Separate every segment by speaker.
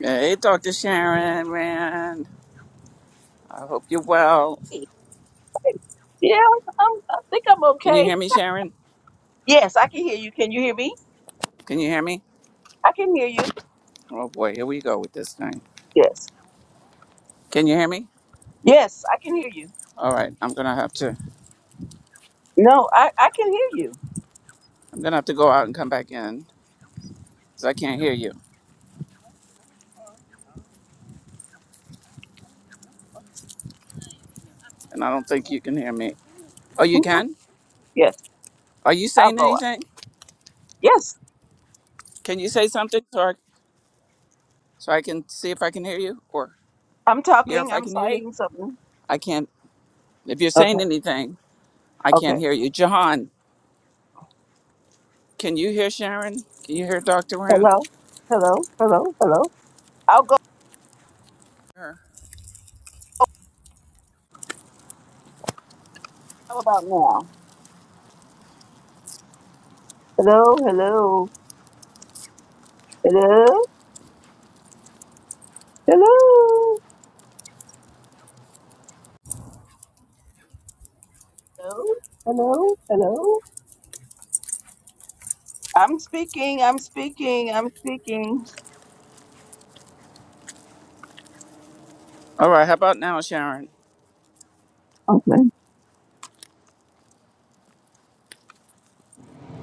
Speaker 1: Hey, Dr. Sharon, man. I hope you're well.
Speaker 2: Yeah, I'm, I think I'm
Speaker 1: Can you
Speaker 2: okay.
Speaker 1: hear me, Sharon?
Speaker 2: Yes, I can hear you. Can you hear me?
Speaker 1: Can you hear me?
Speaker 2: I can hear you.
Speaker 1: Oh boy, here we go with this thing.
Speaker 2: Yes.
Speaker 1: Can you hear me?
Speaker 2: Yes, I can hear you.
Speaker 1: All right, I'm gonna have to.
Speaker 2: No, I, I can hear you.
Speaker 1: I'm gonna have to go out and come back in because I can't hear you, and I don't think you can hear me. Oh, you
Speaker 2: Mhm.
Speaker 1: can?
Speaker 2: Yes,
Speaker 1: Are you
Speaker 2: I'll
Speaker 1: saying
Speaker 2: go up.
Speaker 1: anything?
Speaker 2: Yes,
Speaker 1: Can you say something, so I, so I can see if I can hear you or
Speaker 2: I'm
Speaker 1: hear
Speaker 2: talking.
Speaker 1: if I
Speaker 2: I'm
Speaker 1: can hear you?
Speaker 2: saying something.
Speaker 1: I can't. If you're saying
Speaker 2: Okay.
Speaker 1: anything, I can't
Speaker 2: Okay.
Speaker 1: hear you. Jahan, can you hear Sharon? Can you hear Dr. Rand?
Speaker 2: Hello. Hello. Hello. Hello. I'll go.
Speaker 1: Sure.
Speaker 2: How about now? Hello. Hello. Hello. Hello. Hello. Hello. Hello. I'm speaking. I'm speaking. I'm speaking.
Speaker 1: All right, how about now, Sharon?
Speaker 2: Okay.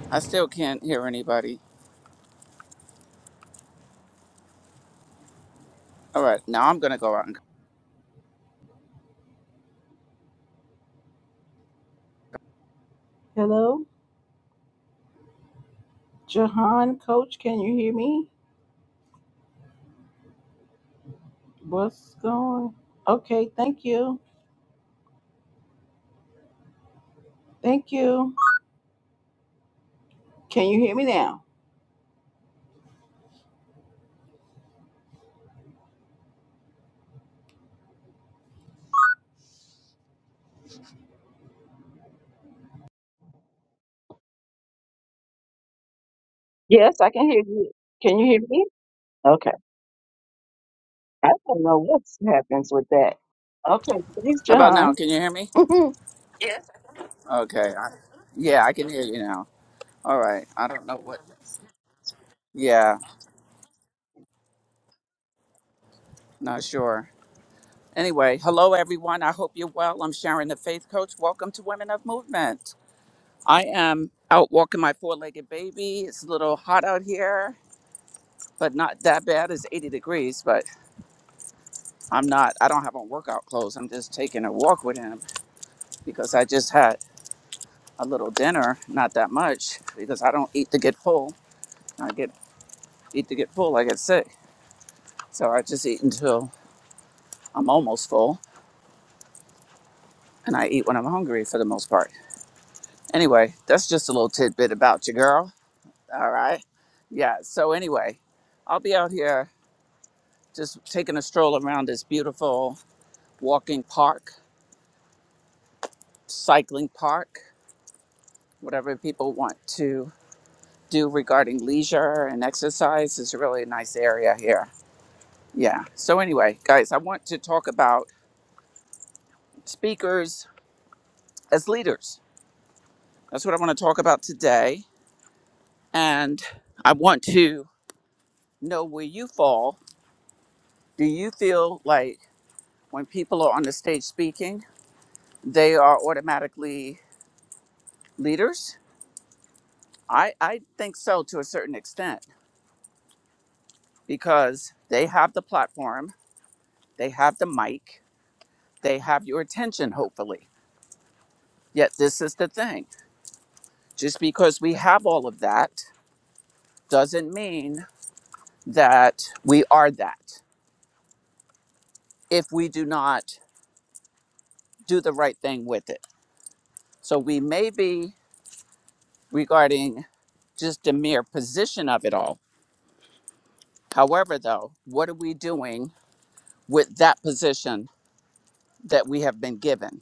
Speaker 1: I still can't hear anybody. All right, now I'm gonna go out. And...
Speaker 2: Hello. Jahan, coach, can you hear me? What's going? Okay, thank you. Thank you. Can you hear me now? Yes, I can hear you. Can you hear me? Okay. I don't know what happens with that. Okay, thanks,
Speaker 1: How about now?
Speaker 2: Jahan.
Speaker 1: Can you hear me?
Speaker 2: Hello
Speaker 1: Okay. I... Yeah, I can hear you now. All right. I don't know what. Yeah, not sure. Anyway, hello everyone. I hope you're well. I'm Sharon, the Faith Coach. Welcome to Women of Movement. I am out walking my four-legged baby. It's a little hot out here, but not that bad. It's 80 degrees, but I'm not. I don't have on workout clothes. I'm just taking a walk with him because I just had a little dinner, not that much, because I don't eat to get full. I get eat to get full, I get sick. So I just eat until I'm almost full, and I eat when I'm hungry for the most part. Anyway, that's just a little tidbit about you, girl. All right. Yeah. So anyway, I'll be out here just taking a stroll around this beautiful walking park, cycling park, whatever people want to do regarding leisure and exercise is really a really nice area here Yeah. So anyway, guys, I want to talk about speakers as leaders. That's what I want to talk about today. And I want to know where you fall. Do you feel like when people are on the stage speaking, they are automatically leaders? I, I think so to a certain extent because they have the platform, they have the mic, they have your attention, hopefully. Yet this is the thing. Just because we have all of that doesn't mean that we are that if we do not do the right thing with it. So we may be regarding just the mere position of it all. However, though, what are we doing with that position that we have been given?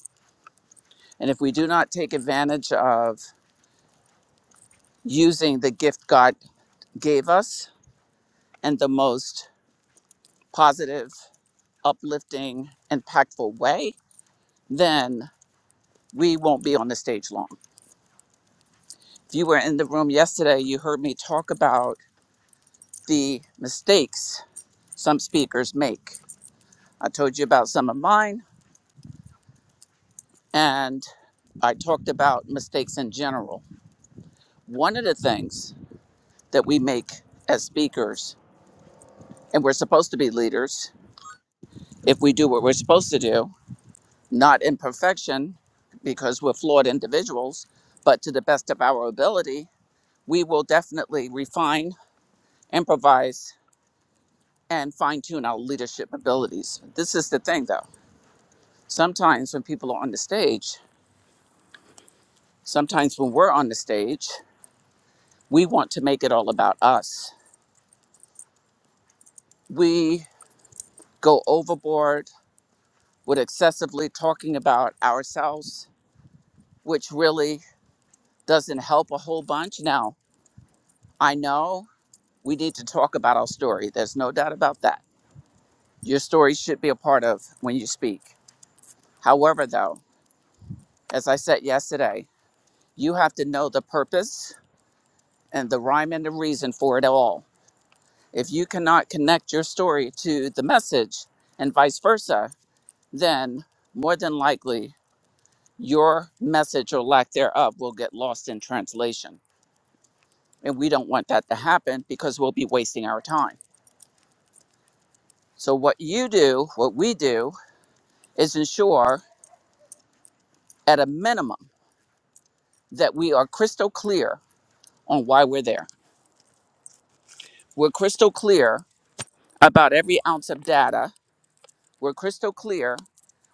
Speaker 1: And if we do not take advantage of using the gift God gave us in the most positive, uplifting, impactful way, then we won't be on the stage long. If you were in the room yesterday, you heard me talk about the mistakes some speakers make. I told you about some of mine, and I talked about mistakes in general. One of the things that we make as speakers, and we're supposed to be leaders if we do what we're supposed to do, not in perfection because we're flawed individuals, but to the best of our ability, we will definitely refine, improvise, and fine tune our leadership abilities. This is the thing though. Sometimes when people are on the stage, Sometimes when we're on the stage, we want to make it all about us. We go overboard with excessively talking about ourselves, which really doesn't help a whole bunch. Now, I know we need to talk about our story. There's no doubt about that. Your story should be a part of when you speak. However, though, as I said yesterday, you have to know the purpose and the rhyme and the reason for it all. If you cannot connect your story to the message and vice versa, then more than likely your message or lack thereof will get lost in translation. And we don't want that to happen because we'll be wasting our time. So, what you do, what we do, is ensure at a minimum that we are crystal clear on why we're there. We're crystal clear about every ounce of data. We're crystal clear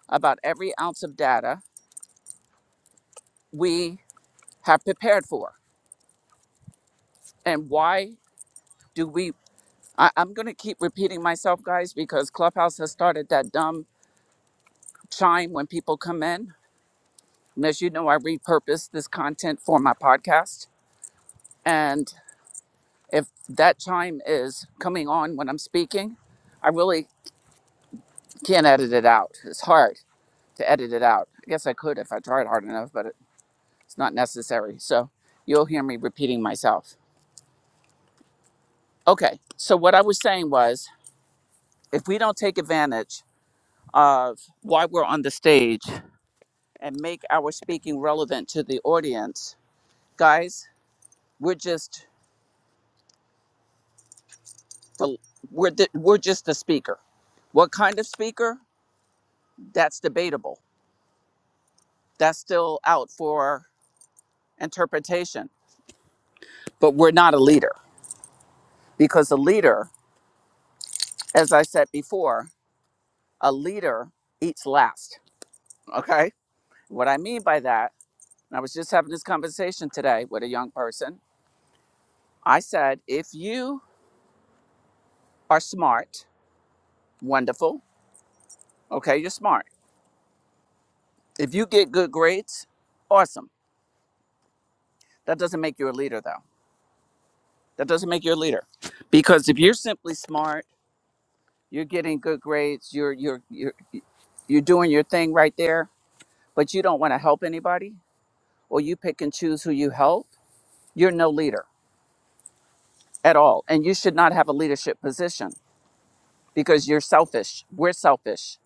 Speaker 1: about every ounce of data we have prepared for. And why do we I, I'm going to keep repeating myself, guys, because Clubhouse has started that dumb chime when people come in. And as you know, I repurpose this content for my podcast. And if that chime is coming on when I'm speaking, I really can't edit it out. It's hard to edit it out. I guess I could if I tried hard enough, but it's not necessary. So you'll hear me repeating myself. Okay. So what I was saying was if we don't take advantage of why we're on the stage and make our speaking relevant to the audience. Guys, we're just the we're the, we're just the speaker. What kind of speaker? That's debatable. That's still out for interpretation. But we're not a leader because a leader, as I said before, a leader eats last. Okay? What I mean by that, and I was just having this conversation today with a young person. I said, if you are smart, wonderful. Okay, you're smart If you get good grades, awesome. That doesn't make you a leader, though. That doesn't make you a leader, because if you're simply smart, you're getting good grades, you're you're you're you're doing your thing right there, but you don't want to help anybody, or you pick and choose who you help. You're no leader at all, and you should not have a leadership position because you're selfish. We're selfish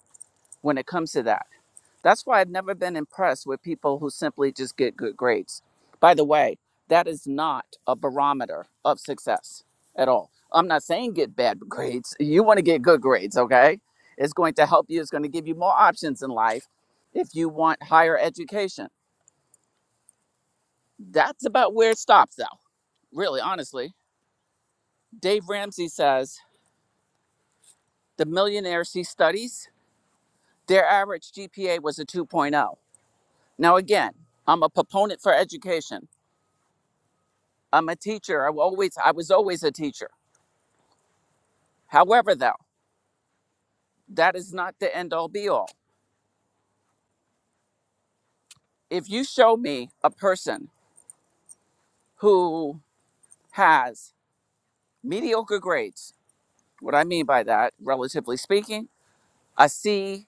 Speaker 1: when it comes to that. That's why I've never been impressed with people who simply just get good grades. By the way, that is not a barometer of success at all. I'm not saying get bad grades. You want to get good grades, okay? It's going to help you, it's going to give you more options in life. If you want higher education, that's about where it stops, though, really, honestly. Dave Ramsey says the millionaires he studies, their average GPA was a 2.0. Now, again, I'm a proponent for education. I'm a teacher. I always I was always a teacher. However, though, that is not the end all be all. If you show me a person who has mediocre grades, what I mean by that, relatively speaking, a C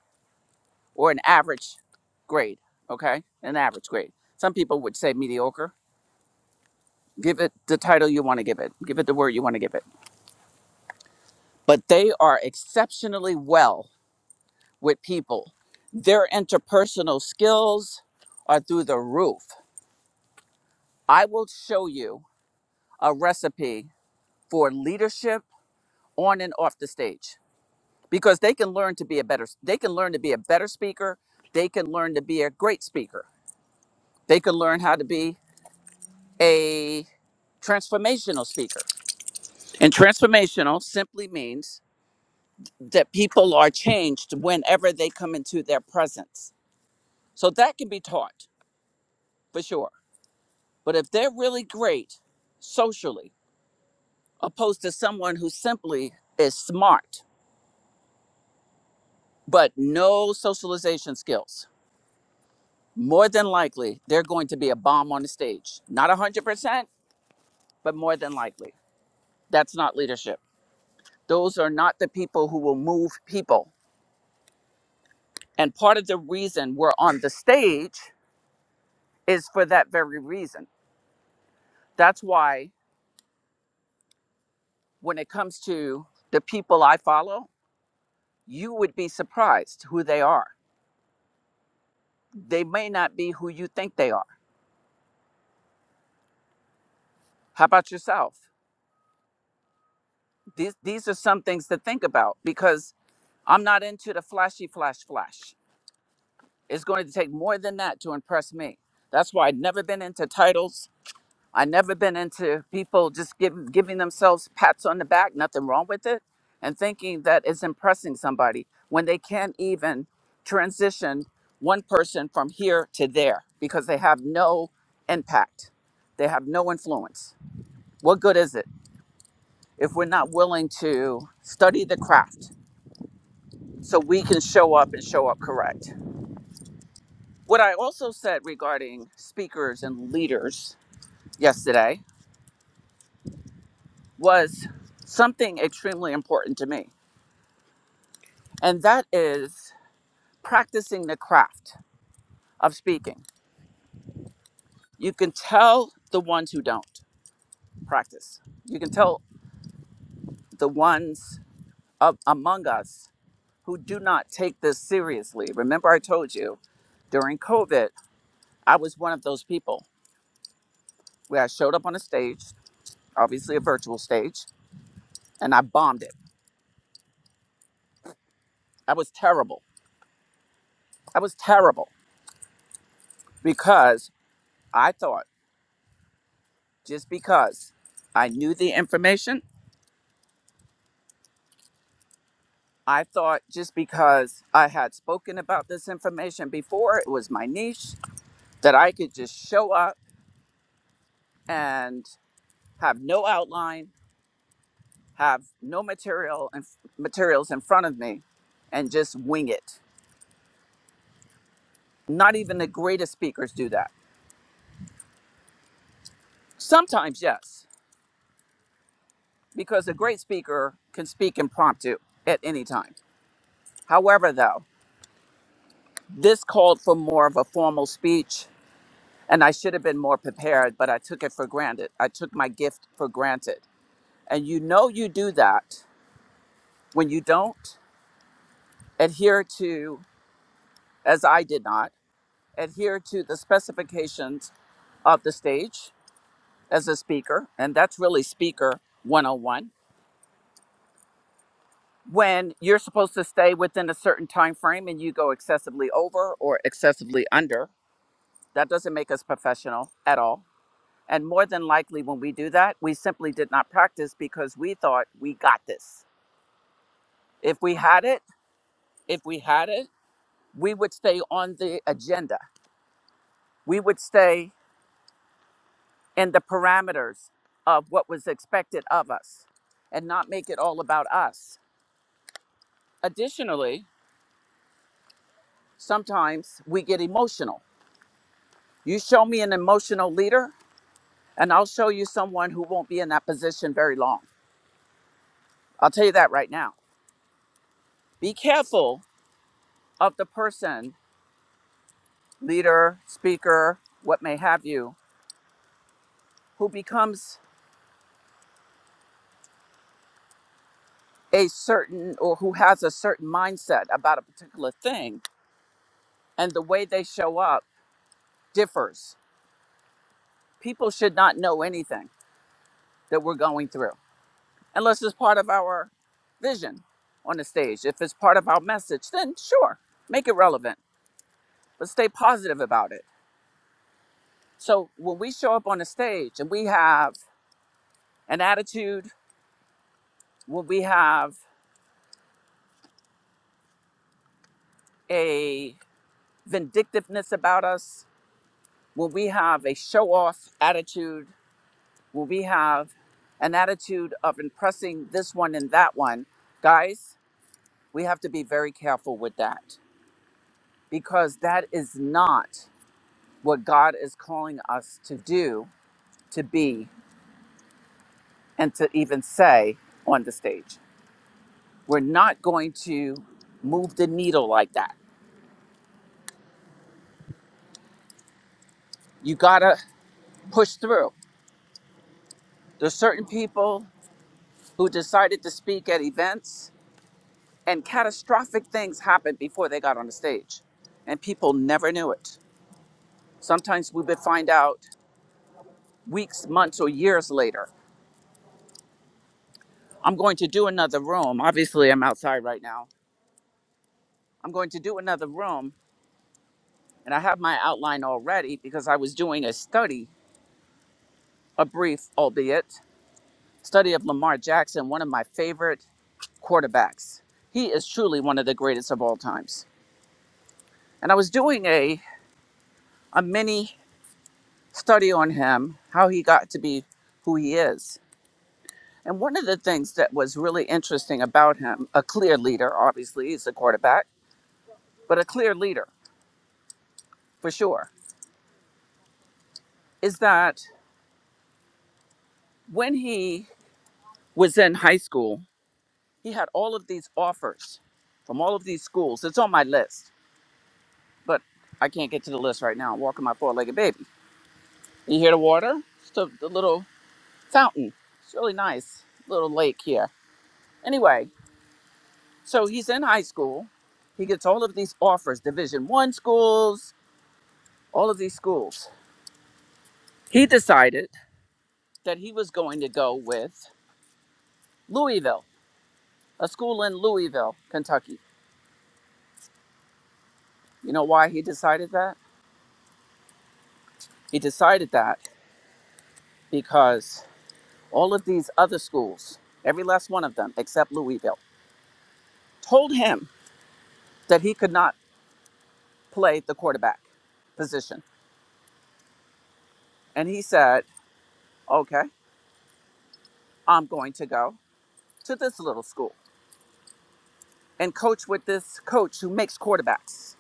Speaker 1: or an average grade, okay? An average grade. Some people would say mediocre. Give it the title you want to give it. Give it the word you want to give it. But they are exceptionally well with people. Their interpersonal skills are through the roof I will show you a recipe for leadership on and off the stage because they can learn to be a better they can learn to be a better speaker, they can learn to be a great speaker. They can learn how to be a transformational speaker. And transformational simply means that people are changed whenever they come into their presence. So that can be taught for sure. But if they're really great socially opposed to someone who simply is smart but no socialization skills. More than likely, they're going to be a bomb on the stage. Not 100%, but more than likely. That's not leadership. Those are not the people who will move people. And part of the reason we're on the stage is for that very reason. That's why when it comes to the people I follow, you would be surprised who they are. They may not be who you think they are. How about yourself? These, these are some things to think about because I'm not into the flashy flash flash. It's going to take more than that to impress me. That's why I've never been into titles. I never been into people just giving giving themselves pats on the back, nothing wrong with it, and thinking that it's impressing somebody when they can't even transition one person from here to there because they have no impact. They have no influence. What good is it if we're not willing to study the craft so we can show up and show up correct? What I also said regarding speakers and leaders yesterday was something extremely important to me, and that is practicing the craft of speaking. You can tell the ones who don't practice, you can tell the ones of, among us who do not take this seriously. Remember, I told you during COVID, I was one of those people where I showed up on a stage, obviously a virtual stage, and I bombed it. I was terrible. I was terrible because I thought just because I knew the information, I thought just because I had spoken about this information before, it was my niche, that I could just show up and have no outline, have no material and materials in front of me and just wing it. Not even the greatest speakers do that. Sometimes yes, because a great speaker can speak impromptu at any time. However, though, this called for more of a formal speech And I should have been more prepared, but I took it for granted. I took my gift for granted. And you know you do that when you don't adhere to, as I did not, adhere to the specifications of the stage as a speaker. And that's really speaker 101. When you're supposed to stay within a certain time frame and you go excessively over or excessively under, that doesn't make us professional at all. And more than likely, when we do that, we simply did not practice because we thought we got this If we had it, if we had it, we would stay on the agenda. We would stay in the parameters of what was expected of us and not make it all about us. Additionally, sometimes we get emotional. You show me an emotional leader, and I'll show you someone who won't be in that position very long. I'll tell you that right now. Be careful of the person, leader, speaker, what may have you, who becomes a certain or who has a certain mindset about a particular thing and the way they show up differs. People should not know anything that we're going through unless it's part of our vision on the stage. If it's part of our message, then sure, make it relevant, but stay positive about it. So when we show up on the stage and we have an attitude, when we have a vindictiveness about us, when we have a show off attitude, will we have an attitude of impressing this one and that one? Guys, we have to be very careful with that because that is not what God is calling us to do, to be, and to even say on the stage. We're not going to move the needle like that. You gotta push through. There's certain people who decided to speak at events, and catastrophic things happened before they got on the stage, and people never knew it Sometimes we would find out weeks, months, or years later. I'm going to do another room. Obviously, I'm outside right now. I'm going to do another room, and I have my outline already because I was doing a study, a brief, albeit, study of Lamar Jackson, one of my favorite quarterbacks. He is truly one of the greatest of all times. And I was doing a, a mini study on him, how he got to be who he is And one of the things that was really interesting about him, a clear leader, obviously, he's a quarterback, but a clear leader for sure, is that when he was in high school, he had all of these offers from all of these schools. It's on my list, but I can't get to the list right now. I'm walking my four legged baby. You hear the water? It's the, the little fountain. It's really nice, little lake here. Anyway, so he's in high school. He gets all of these offers, Division One schools, all of these schools He decided that he was going to go with Louisville, a school in Louisville, Kentucky. You know why he decided that? He decided that because all of these other schools, every last one of them except Louisville, told him that he could not play the quarterback position. And he said, okay, I'm going to go to this little school and coach with this coach who makes quarterbacks.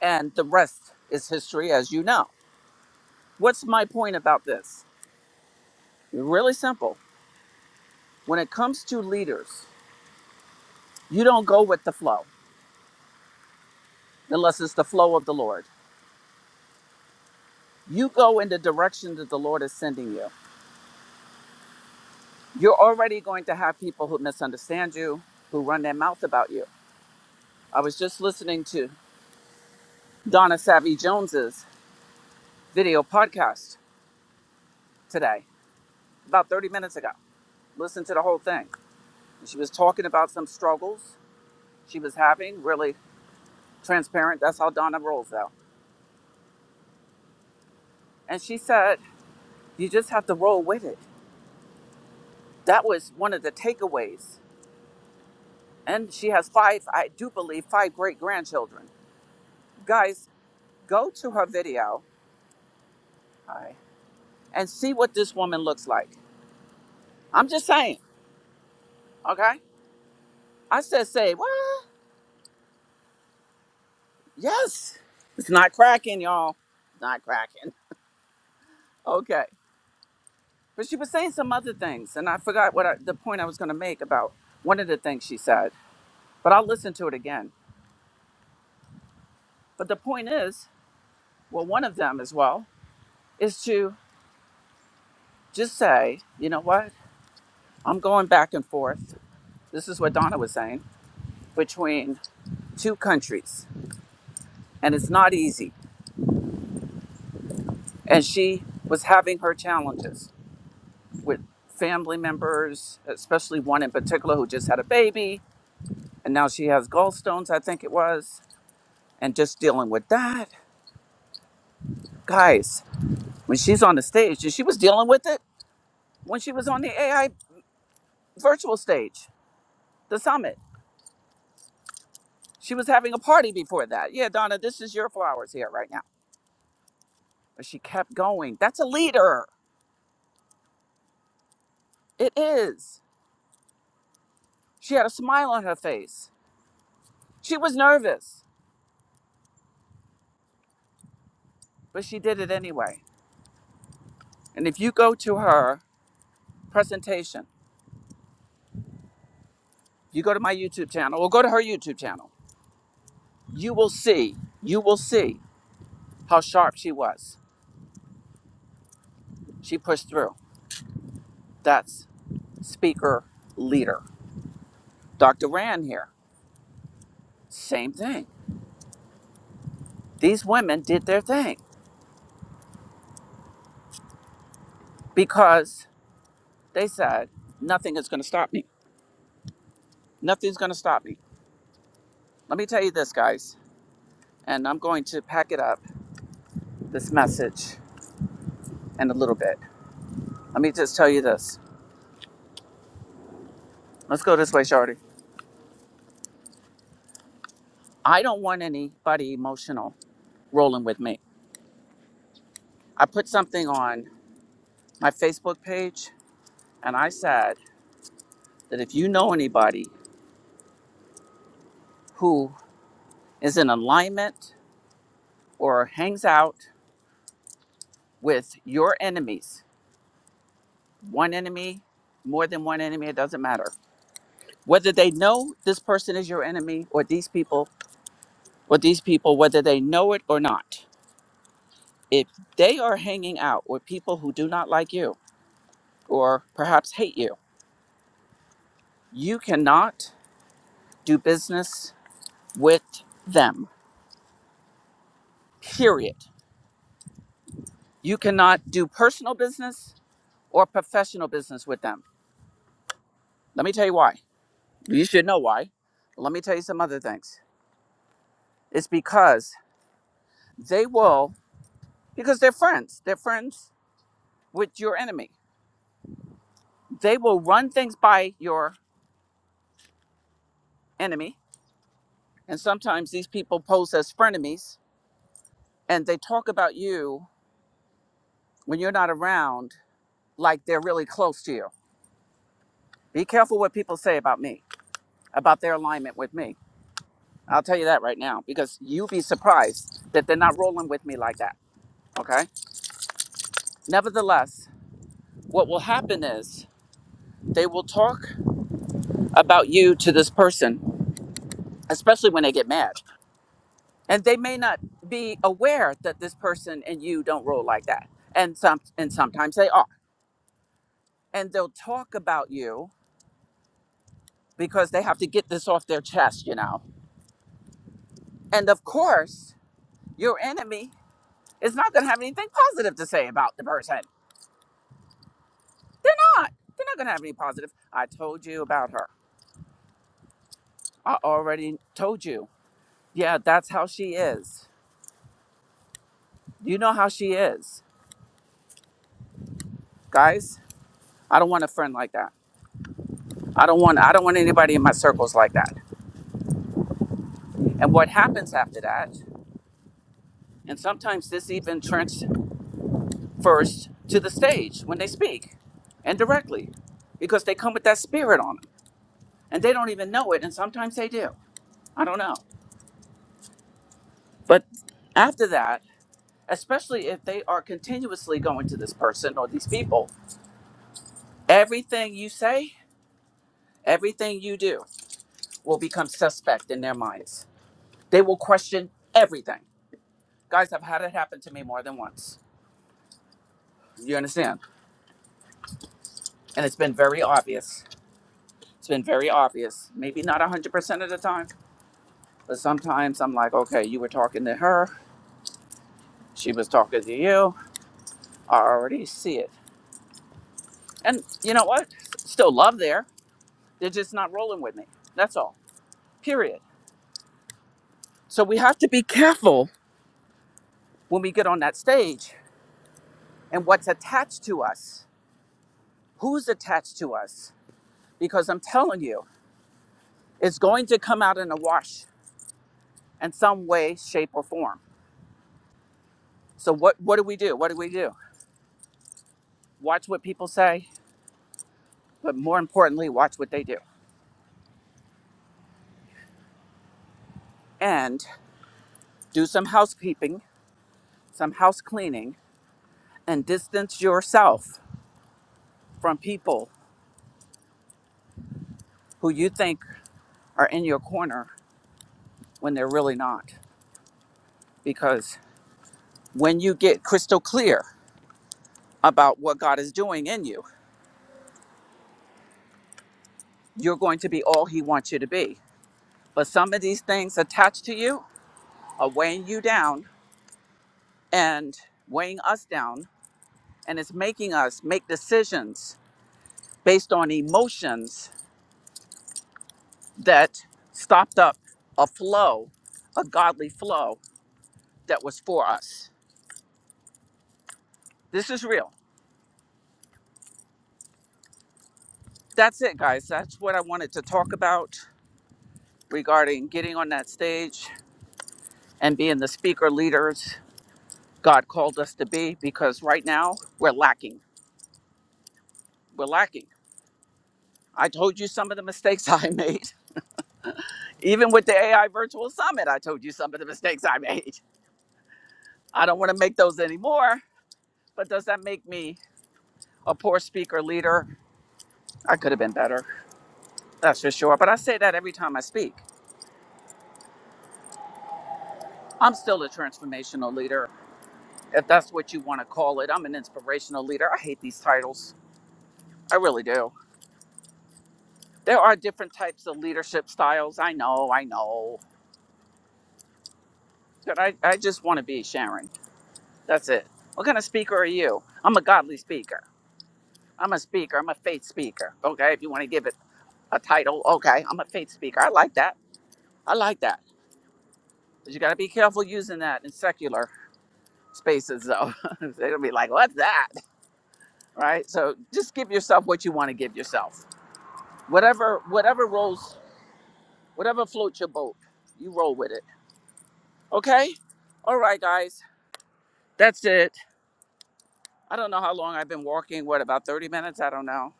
Speaker 1: And the rest is history, as you know. What's my point about this? Really simple. when it comes to leaders, you don't go with the flow unless it's the flow of the Lord. You go in the direction that the Lord is sending you. You're already going to have people who misunderstand you, who run their mouth about you. I was just listening to Donna Savvy Jones's video podcast today, about 30 minutes ago. Listened to the whole thing. She was talking about some struggles she was having, really transparent. That's how Donna rolls, though. And she said, You just have to roll with it. That was one of the takeaways and she has five, I do believe, five great grandchildren. Guys, go to her video Hi. and see what this woman looks like. I'm just saying, okay? I said, say what? Yes, it's not cracking, y'all. Not cracking. Okay, but she was saying some other things, and I forgot what I, the point I was going to make about one of the things she said. But I'll listen to it again. But the point is, well, one of them as well is to just say, you know what? I'm going back and forth. This is what Donna was saying. between two countries, and it's not easy. And she was having her challenges with family members, especially one in particular who just had a baby, and now she has gallstones, I think it was, and just dealing with that. Guys, when she's on the stage, and she was dealing with it when she was on the AI virtual stage, the summit. She was having a party before that. Yeah, Donna, this is your flowers here right now. But she kept going. That's a leader. It is. She had a smile on her face She was nervous, but she did it anyway. And if you go to her presentation, you go to my YouTube channel or go to her YouTube channel, you will see, you will see how sharp she was. She pushed through. That's speaker leader. Dr. Rand here, same thing. These women did their thing because they said, nothing is going to stop me. Nothing's going to stop me. Let me tell you this, guys, and I'm going to pack it up, this message, in a little bit. Let me just tell you this Let's go this way, Shardy. I don't want anybody emotional rolling with me. I put something on my Facebook page and I said that if you know anybody who is in alignment or hangs out with your enemies, one enemy, more than one enemy, it doesn't matter. Whether they know this person is your enemy or these people or these people, whether they know it or not, if they are hanging out with people who do not like you or perhaps hate you, you cannot do business with them. Period. You cannot do personal business or professional business with them. Let me tell you why. You should know why. But let me tell you some other things. It's because they will, because they're friends. They're friends with your enemy. They will run things by your enemy. And sometimes these people pose as frenemies and they talk about you when you're not around like they're really close to you. Be careful what people say about me, about their alignment with me I'll tell you that right now because you'd be surprised that they're not rolling with me like that. Okay. Nevertheless, what will happen is they will talk about you to this person, especially when they get mad. And they may not be aware that this person and you don't roll like that. And some and sometimes they are. And they'll talk about you because they have to get this off their chest, you know. And of course, your enemy is not gonna have anything positive to say about the person. They're not. They're not going to have any positive. I told you about her. I already told you. Yeah, that's how she is. You know how she is. Guys, I don't want a friend like that. I don't want I don't want anybody in my circles like that. And what happens after that? And sometimes this even transfers to the stage when they speak and directly because they come with that spirit on them and they don't even know it and sometimes they do. I don't know. But after that, especially if they are continuously going to this person or these people. Everything you say, everything you do will become suspect in their minds. They will question everything. Guys, I've had it happen to me more than once. You understand? And it's been very obvious. It's been very obvious. Maybe not 100% of the time, but sometimes I'm like, okay, you were talking to her. She was talking to you. I already see it. And you know what? Still love there. They're just not rolling with me. That's all. Period So we have to be careful when we get on that stage and what's attached to us, who's attached to us, because I'm telling you, it's going to come out in a wash in some way, shape, or form. So what what do we do? What do we do? Watch what people say, but more importantly, watch what they do. And do some housekeeping, some house cleaning, and distance yourself from people who you think are in your corner when they're really not. Because when you get crystal clear about what God is doing in you. You're going to be all He wants you to be. But some of these things attached to you are weighing you down and weighing us down. And it's making us make decisions based on emotions that stopped up a flow, a godly flow that was for us. This is real. That's it, guys. That's what I wanted to talk about regarding getting on that stage and being the speaker leaders God called us to be because right now we're lacking. we're lacking. I told you some of the mistakes I made. Even with the AI Virtual Summit, I told you some of the mistakes I made. I don't want to make those anymore, but does that make me a poor speaker leader? I could have been better, that's for sure. But I say that every time I speak. I'm still a transformational leader, if that's what you want to call it. I'm an inspirational leader. I hate these titles. I really do. There are different types of leadership styles. I know, I know. But I, I just want to be Sharon. That's it. What kind of speaker are you? I'm a godly speaker. I'm a speaker. I'm a faith speaker. Okay, if you want to give it a title, okay, I'm a faith speaker. I like that. I like that. But you got to be careful using that in secular spaces, though. They're gonna be like, "What's that?" Right? So just give yourself what you want to give yourself. Whatever, whatever rolls, whatever floats your boat, you roll with it. Okay. All right, guys. That's it. I don't know how long I've been walking. What about 30 minutes? I don't know.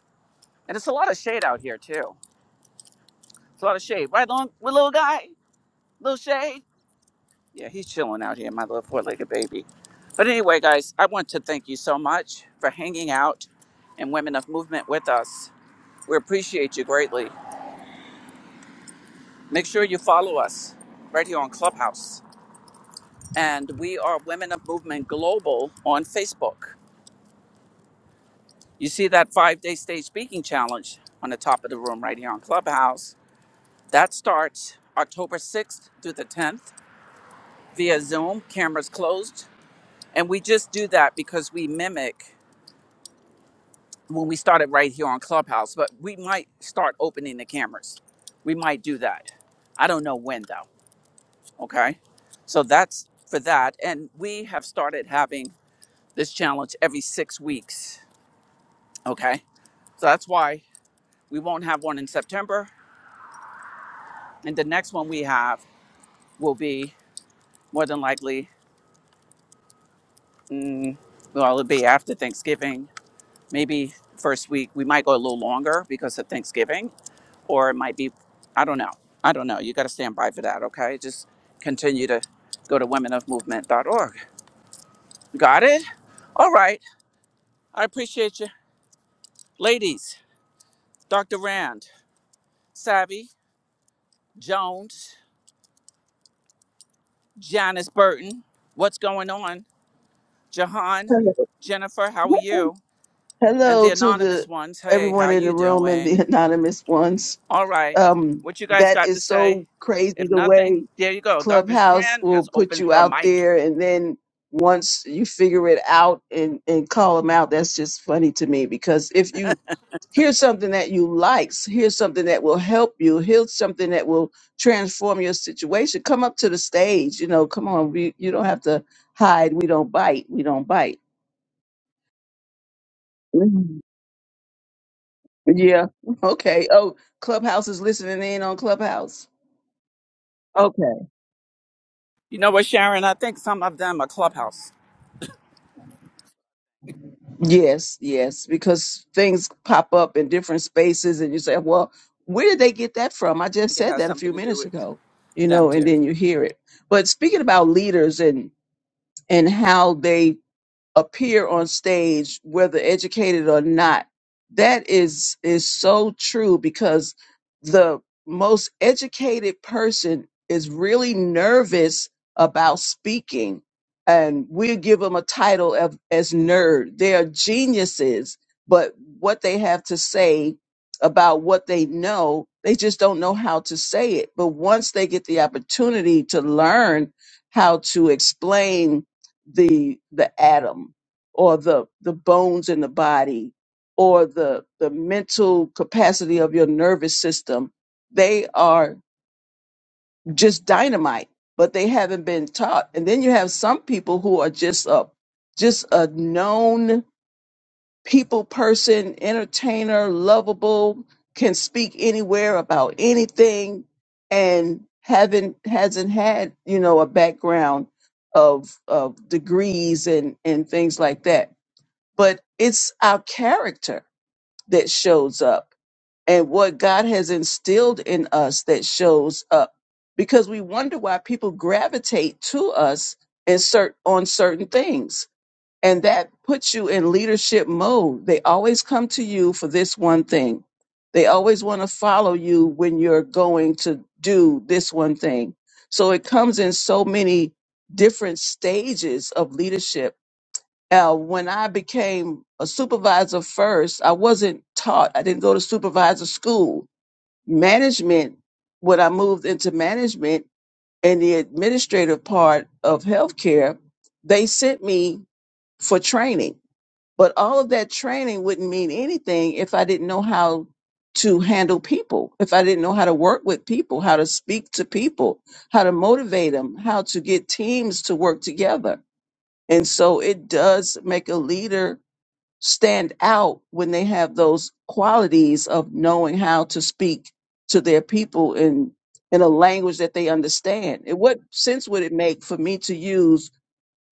Speaker 1: And it's a lot of shade out here too. It's a lot of shade, right, long with little guy, little shade. Yeah, he's chilling out here, my little four-legged baby. But anyway, guys, I want to thank you so much for hanging out and Women of Movement with us. We appreciate you greatly. Make sure you follow us right here on Clubhouse, and we are Women of Movement Global on Facebook. You see that five-day stage speaking challenge on the top of the room right here on Clubhouse. That starts October 6th through the 10th via Zoom, cameras closed And we just do that because we mimic when we started right here on Clubhouse, but we might start opening the cameras. We might do that. I don't know when though. Okay. So that's for that. And we have started having this challenge every six weeks. Okay. So that's why we won't have one in September. And the next one we have will be more than likely, mm, well, it'll be after Thanksgiving, maybe first week. We might go a little longer because of Thanksgiving or it might be i don't know i don't know you got to stand by for that okay just continue to go to womenofmovement.org got it all right i appreciate you ladies dr rand savvy jones janice burton what's going on jahan jennifer how are you and
Speaker 2: Hello
Speaker 1: the
Speaker 2: to
Speaker 1: anonymous
Speaker 2: the
Speaker 1: ones hey
Speaker 2: everyone
Speaker 1: how
Speaker 2: in the
Speaker 1: you
Speaker 2: room and the
Speaker 1: doing
Speaker 2: anonymous ones.
Speaker 1: all right
Speaker 2: Um,
Speaker 1: what you guys
Speaker 2: that
Speaker 1: got to
Speaker 2: is
Speaker 1: say
Speaker 2: so crazy
Speaker 1: if
Speaker 2: the
Speaker 1: nothing
Speaker 2: way
Speaker 1: there you go dr
Speaker 2: Clubhouse
Speaker 1: rand
Speaker 2: will
Speaker 1: has
Speaker 2: put
Speaker 1: opened
Speaker 2: you
Speaker 1: her
Speaker 2: out
Speaker 1: mic
Speaker 2: there, and then once you figure it out and and call them out, that's just funny to me because if you hear something that you like, hear something that will help you, hear something that will transform your situation, come up to the stage. You know, come on, we, you don't have to hide. We don't bite. We don't bite. Mhm. Yeah. Okay. Oh, Clubhouse is listening in on Clubhouse.
Speaker 1: you know what sharon i think some of them are clubhouse
Speaker 2: Yes, yes, because things pop up in different spaces, and you say, "Well, where did they get that from?" I just
Speaker 1: think it
Speaker 2: said
Speaker 1: has
Speaker 2: that a few
Speaker 1: something to do
Speaker 2: minutes
Speaker 1: with
Speaker 2: ago, you
Speaker 1: them
Speaker 2: know, and
Speaker 1: too.
Speaker 2: then you hear it. But speaking about leaders and and how they appear on stage whether educated or not that is is so true because the most educated person is really nervous about speaking and we give them a title of as nerd they are geniuses but what they have to say about what they know they just don't know how to say it but once they get the opportunity to learn how to explain the the atom or the the bones in the body or the the mental capacity of your nervous system they are just dynamite but they haven't been taught and then you have some people who are just a just a known people person, entertainer, lovable, can speak anywhere about anything, and haven't hasn't had you know a background of of degrees and and things like that. But it's our character that shows up, and what God has instilled in us that shows up, because we wonder why people gravitate to us in cert- on certain things and that puts you in leadership mode. They always come to you for this one thing. They always want to follow you when you're going to do this one thing. So it comes in so many different stages of leadership. Uh, when I became a supervisor first, I wasn't taught, I didn't go to supervisor school. Management, when I moved into management and the administrative part of healthcare, they sent me for training but all of that training wouldn't mean anything if I didn't know how to handle people, if I didn't know how to work with people, how to speak to people, how to motivate them, how to get teams to work together. And so it does make a leader stand out when they have those qualities of knowing how to speak to their people in in a language that they understand. And what sense would it make for me to use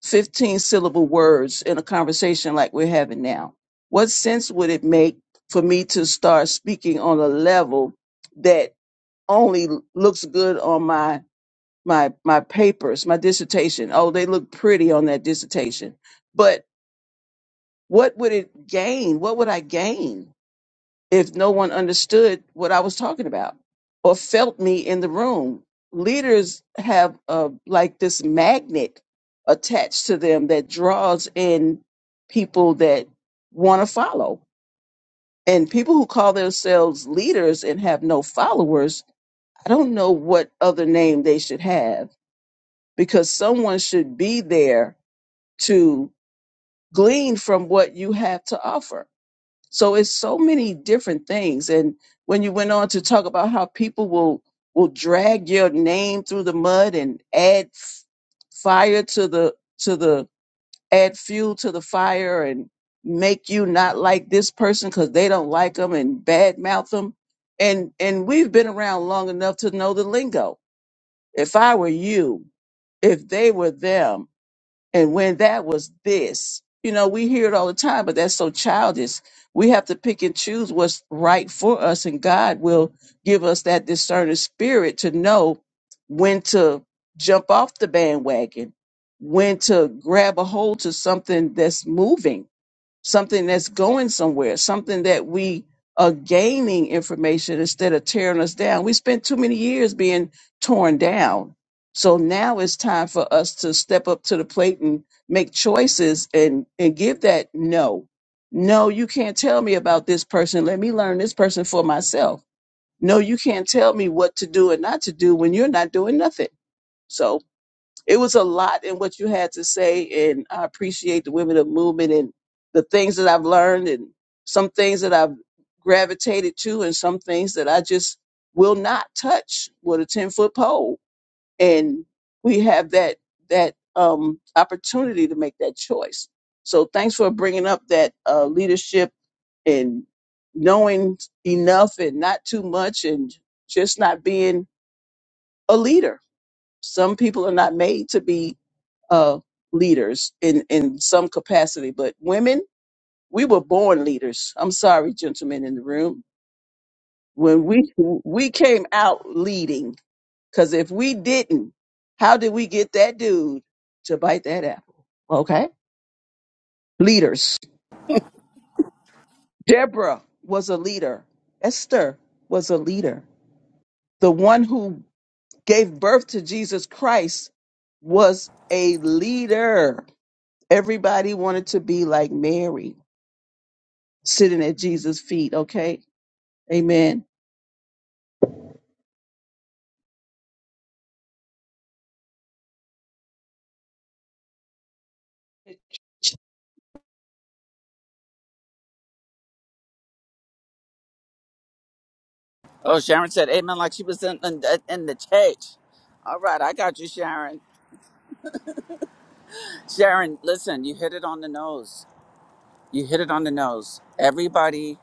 Speaker 2: 15 syllable words in a conversation like we're having now? What sense would it make for me to start speaking on a level that only looks good on my my my papers, my dissertation? Oh, they look pretty on that dissertation. But what would it gain? What would I gain? if no one understood what I was talking about or felt me in the room. Leaders have uh, like this magnet attached to them that draws in people that want to follow. And people who call themselves leaders and have no followers, I don't know what other name they should have because someone should be there to glean from what you have to offer So it's so many different things. And when you went on to talk about how people will will drag your name through the mud and add f- fire to the to the add fuel to the fire and make you not like this person because they don't like them and badmouth them. And and we've been around long enough to know the lingo. If I were you, if they were them, and when that was this. You know, we hear it all the time, but that's so childish. We have to pick and choose what's right for us, and God will give us that discerning spirit to know when to jump off the bandwagon, when to grab a hold to something that's moving something that's going somewhere, something that we are gaining information instead of tearing us down. We spent too many years being torn down. So now it's time for us to step up to the plate and make choices and, and give that no. No, you can't tell me about this person. Let me learn this person for myself. No, you can't tell me what to do and not to do when you're not doing nothing. So it was a lot in what you had to say and i appreciate the women of movement and the things that i've learned and some things that i've gravitated to and some things that i just will not touch with a 10 foot pole and we have that that um, opportunity to make that choice so thanks for bringing up that uh, leadership and knowing enough and not too much and just not being a leader some people are not made to be uh, leaders in, in some capacity, but women, we were born leaders. I'm sorry, gentlemen in the room. When we we came out leading, because if we didn't, how did we get that dude to bite that apple? Okay, leaders. Deborah was a leader. Esther was a leader. The one who gave birth to Jesus Christ was a leader. Everybody wanted to be like Mary. sitting at Jesus' feet, okay? Amen.
Speaker 1: Oh, Sharon said amen like she was in, in, the- in the church. All right, I got you, Sharon. Sharon, listen, you hit it on the nose. You hit it on the nose. Everybody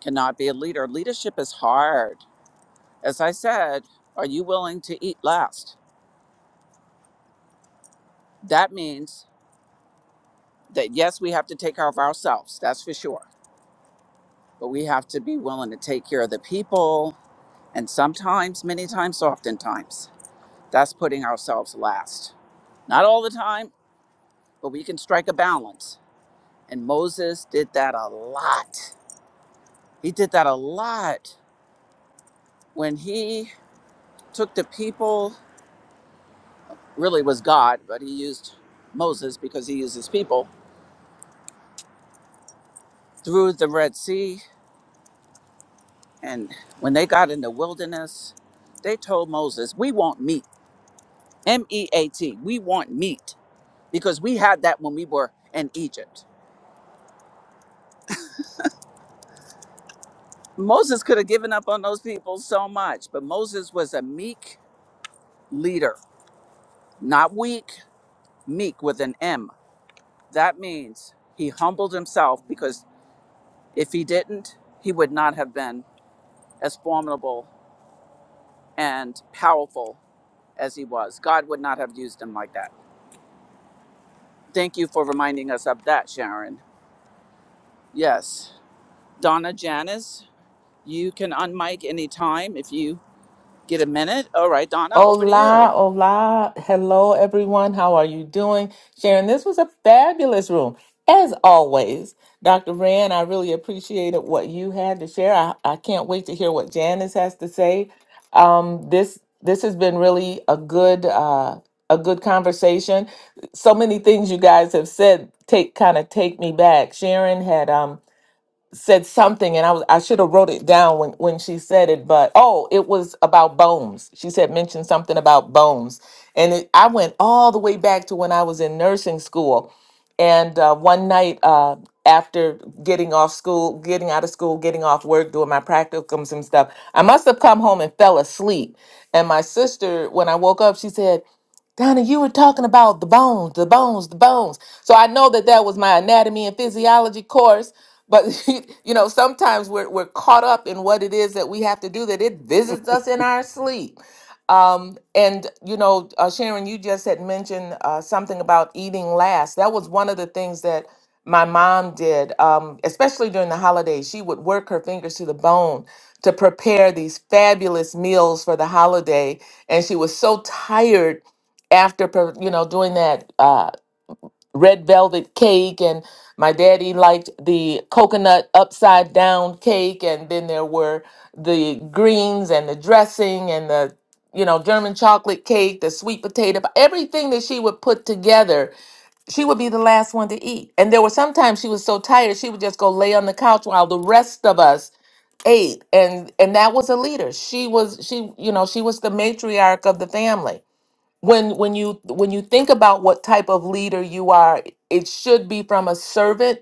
Speaker 1: cannot be a leader. Leadership is hard. As I said, are you willing to eat last? That means that yes, we have to take care of ourselves, that's for sure. But we have to be willing to take care of the people. And sometimes, many times, oftentimes, that's putting ourselves last. Not all the time, but we can strike a balance. And Moses did that a lot. He did that a lot when he took the people, really was God, but he used Moses because he used his people through the Red Sea. And when they got in the wilderness, they told Moses, We want meat, M E A T, we want meat because we had that when we were in Egypt. Moses could have given up on those people so much, but Moses was a meek leader, not weak, meek with an M. That means he humbled himself because if he didn't, he would not have been as formidable and powerful as he was. God would not have used him like that. Thank you for reminding us of that, Sharon. Yes. Donna Janice, you can unmic anytime if you get a minute. All right, Donna, over to you.
Speaker 3: Hola, hola. Hello, everyone. How are you doing? Sharon, this was a fabulous room. As always, Dr. Rand, I really appreciated what you had to share. I, I can't wait to hear what Janice has to say. Um, this this has been really a good uh, a good conversation. So many things you guys have said take kind of take me back. Sharon had um, said something and I was I should have wrote it down when when she said it but oh it was about bones. She said mentioned something about bones. And it, I went all the way back to when I was in nursing school and uh, one night uh, after getting off school, getting out of school, getting off work, doing my practicums and stuff, I must have come home and fell asleep. And my sister when I woke up she said Donna, you were talking about the bones, the bones, the bones. So I know that that was my anatomy and physiology course, but you know, sometimes we're we're caught up in what it is that we have to do that it visits us in our sleep. Um, and you know, uh, Sharon, you just had mentioned uh, something about eating last. That was one of the things that my mom did, um, especially during the holidays. She would work her fingers to the bone to prepare these fabulous meals for the holiday, and she was so tired after, pre- you know, doing that. Uh, red velvet cake and my daddy liked the coconut upside down cake and then there were the greens and the dressing and the you know german chocolate cake the sweet potato everything that she would put together she would be the last one to eat and there were sometimes she was so tired she would just go lay on the couch while the rest of us ate and and that was a leader she was she you know she was the matriarch of the family when when you when you think about what type of leader you are it should be from a servant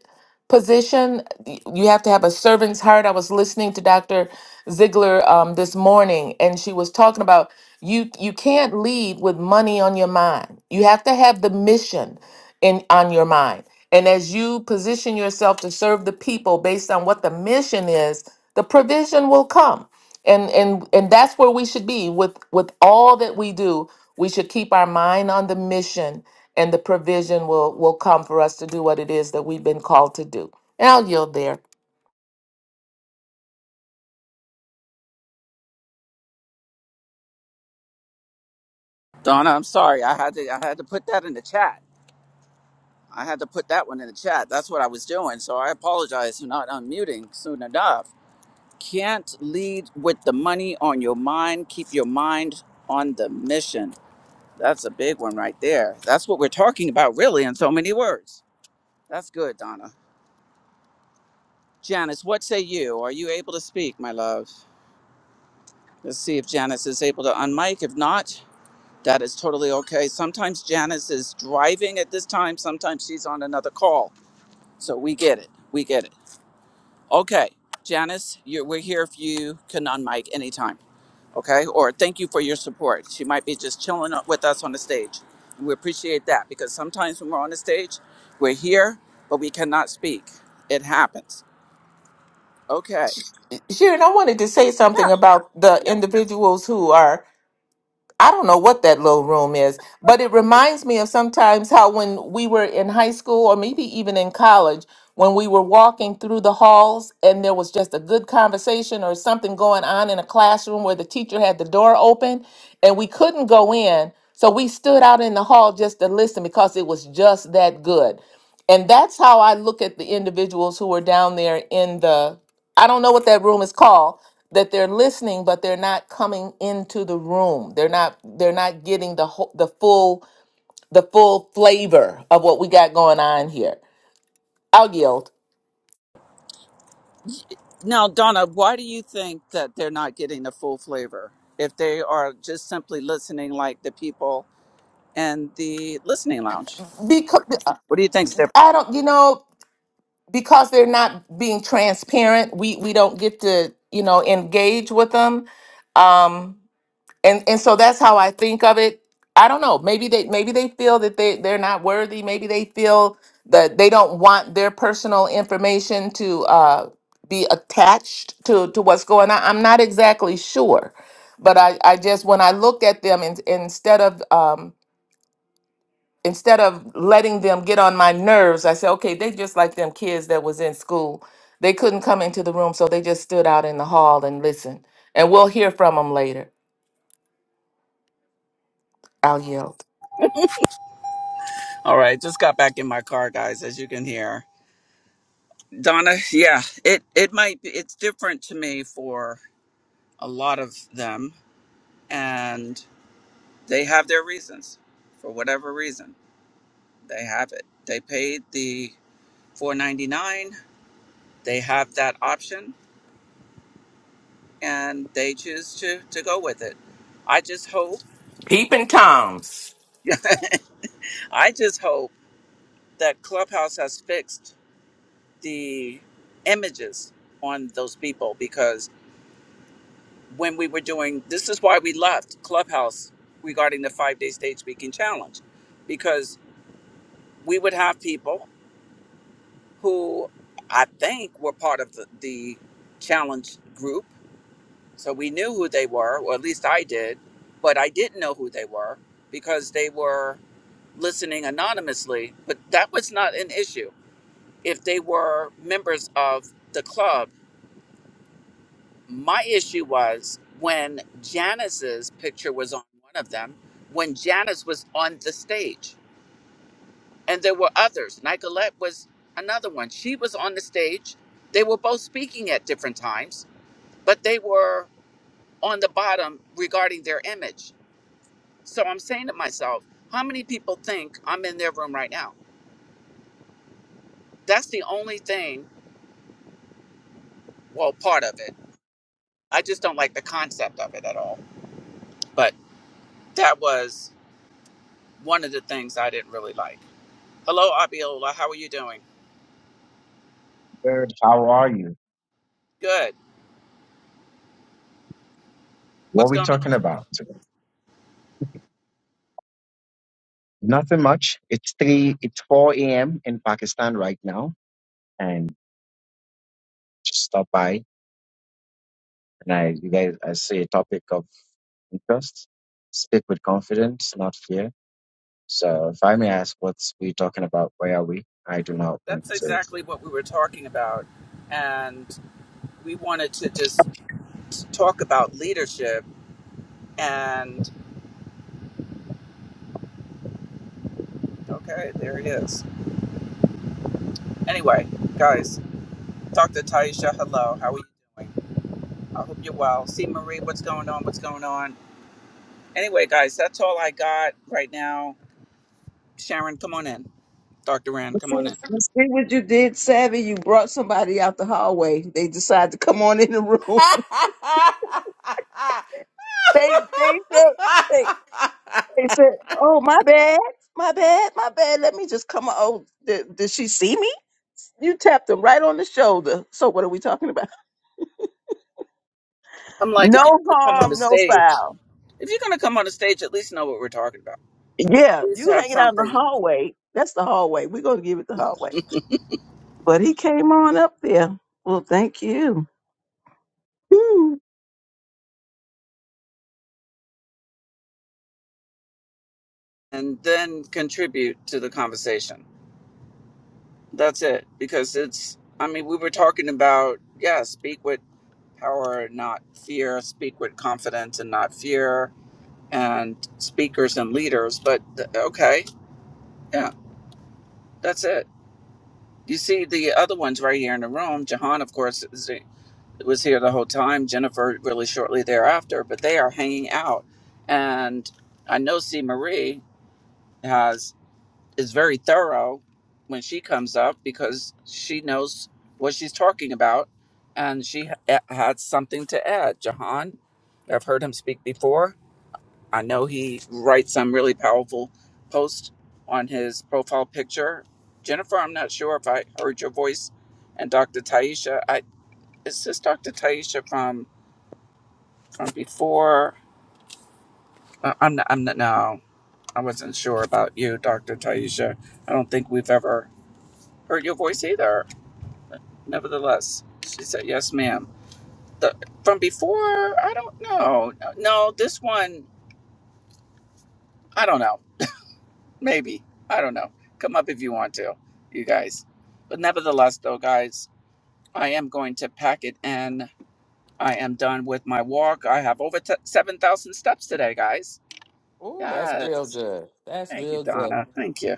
Speaker 3: position Y- you have to have a servant's heart i was listening to dr ziegler um, this morning and she was talking about you you can't lead with money on your mind you have to have the mission in on your mind and as you position yourself to serve the people based on what the mission is the provision will come and and and that's where we should be with with all that we do we should keep our mind on the mission, and the provision will, will come for us to do what it is that we've been called to do. And I'll yield there.
Speaker 1: Donna, I'm sorry. I had to I had to put that in the chat. I had to put that one in the chat. That's what I was doing. So I apologize for not unmuting soon enough. Can't lead with the money on your mind. Keep your mind on the mission. That's a big one right there. That's what we're talking about, really, in so many words. That's good, Donna. Janice, what say you? Are you able to speak, my love? Let's see if Janice is able to unmic. If not, that is totally okay. Sometimes Janice is driving at this time, sometimes she's on another call. So we get it. We get it. Okay, Janice, you're, we're here if you can unmic anytime. okay? Or thank you for your support. She might be just chilling up with us on the stage. And we appreciate that because sometimes when we're on the stage, we're here, but we cannot speak. It happens. Okay.
Speaker 3: Sharon, I wanted to say
Speaker 1: Yeah.
Speaker 3: something about the
Speaker 1: Yep.
Speaker 3: individuals who are I don't know what that little room is, but it reminds me of sometimes how when we were in high school or maybe even in college, when we were walking through the halls and there was just a good conversation or something going on in a classroom where the teacher had the door open and we couldn't go in. So we stood out in the hall just to listen because it was just that good. And that's how I look at the individuals who are down there in the I don't know what that room is called that they're listening but they're not coming into the room. They're not they're not getting the whole, the full the full flavor of what we got going on here. I'll yield
Speaker 1: Now, Donna, why do you think that they're not getting the full flavor if they are just simply listening like the people in the listening lounge?
Speaker 3: because
Speaker 1: What do you think's different?
Speaker 3: I don't you know because they're not being transparent. We we don't get to you know engage with them. Um and and so that's how I think of it. I don't know. Maybe they maybe they feel that they they're not worthy. Maybe they feel that they don't want their personal information to uh, be attached to to what's going on. I'm not exactly sure, but I I just when I looked at them and instead of um instead of letting them get on my nerves, I said, okay, they just like them kids that was in school. They couldn't come into the room, so they just stood out in the hall and listened. And we'll hear from them later. I'll yield.
Speaker 1: All right, just got back in my car, guys, as you can hear. Donna, yeah, it it might be it's different to me for a lot of them and they have their reasons for whatever reason they have it they paid the 499 they have that option and they choose to to go with it i just hope
Speaker 3: Peeping Toms.
Speaker 1: i just hope that clubhouse has fixed the images on those people because when we were doing this is why we left clubhouse regarding the five day stage speaking challenge because we would have people who I think were part of the, the challenge group. So we knew who they were, or at least I did, but I didn't know who they were because they were listening anonymously. But that was not an issue. If they were members of the club, my issue was when Janice's picture was on one of them, when Janice was on the stage. and there were others. Nicolette was another one. She was on the stage. They were both speaking at different times, but they were on the bottom regarding their image. So I'm saying to myself, how many people think I'm in their room right now? That's the only thing, well, part of it. I just don't like the concept of it at all. But that was one of the things I didn't really like. Hello, Abiola. How are you doing?
Speaker 4: Good. How are you?
Speaker 1: Good.
Speaker 4: What are
Speaker 1: What's
Speaker 4: we
Speaker 1: going
Speaker 4: talking
Speaker 1: on?
Speaker 4: about today? Nothing much. It's three. It's four a.m. in Pakistan right now, and just stop by. And I, you guys, I see a topic of interest. Speak with confidence, not fear. So, if I may ask, what's we talking about? Where are we? I do not want
Speaker 1: That's
Speaker 4: to.
Speaker 1: exactly what we were talking about. And we wanted to just talk about leadership and okay there it is anyway guys dr taisha hello how are you doing i hope you're well see marie what's going on what's going on anyway guys that's all i got right now sharon come on in dr rand
Speaker 2: You
Speaker 1: come
Speaker 2: see,
Speaker 1: on in
Speaker 2: you see what you did, Savvy? You brought somebody out the hallway. They decided to come on in the room. they they said they, they said, Oh my bad, my bad, my bad. Let me just come on. Oh, did, did she see me? You tapped them right on the shoulder. So what are we talking about?
Speaker 1: i'm like if you're
Speaker 2: No
Speaker 1: gonna come on
Speaker 2: harm,
Speaker 1: the
Speaker 2: no
Speaker 1: stage
Speaker 2: foul.
Speaker 1: if you're gonna come on the stage at least know what we're talking about
Speaker 2: Yeah,
Speaker 1: at least
Speaker 2: you
Speaker 1: have
Speaker 2: hanging out in the
Speaker 1: something
Speaker 2: hallway. That's the hallway. We're gonna give it the hallway. But he came on up there. Well, thank you.
Speaker 1: and then contribute to the conversation That's it. Because it's, I mean, we were talking about, yeah, speak with power, not fear, speak with confidence and not fear, and speakers and leaders. But th- okay, yeah, that's it. You see the other ones right here in the room. Jahan, of course, is, was here the whole time. Jennifer, really shortly thereafter, but they are hanging out. And I know C. Marie has. is very thorough when she comes up because she knows what she's talking about and she ha- had something to add. Jahan, I've heard him speak before. I know he writes some really powerful posts on his profile picture. Jennifer, I'm not sure if I heard your voice, and Dr. Taisha. I is this Dr. Taisha from from before? Uh, I'm not, I'm not, no, I wasn't sure about you, Dr. Taisha. I don't think we've ever heard your voice either. But Nevertheless, she said, "Yes, ma'am." The, from before, I don't know. No, this one, I don't know. Maybe I don't know. Come up if you want to, you guys. But nevertheless, though, guys, I am going to pack it in. I am done with my walk. I have over t- seven thousand steps today, guys.
Speaker 3: Ooh, that's real
Speaker 1: Yes.
Speaker 3: good. That's
Speaker 1: Thank you,
Speaker 3: real good.
Speaker 1: Donna. Thank you.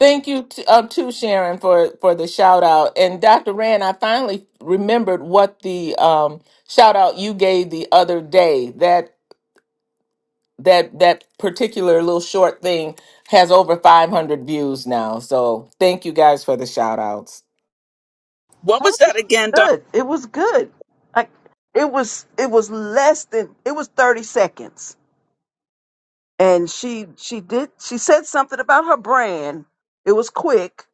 Speaker 3: Thank you to, uh, to Sharon for for the shout out. And Dr. Rand, I finally remembered what the um, shout out you gave the other day. That that that particular little short thing has over 500 views now. So thank you guys for the shout outs.
Speaker 1: What
Speaker 2: Told
Speaker 1: was
Speaker 2: you
Speaker 1: that again, Donna?
Speaker 2: good. It was good. Like it was it was less than it was 30 seconds. And she she did she said something about her brand. It was quick.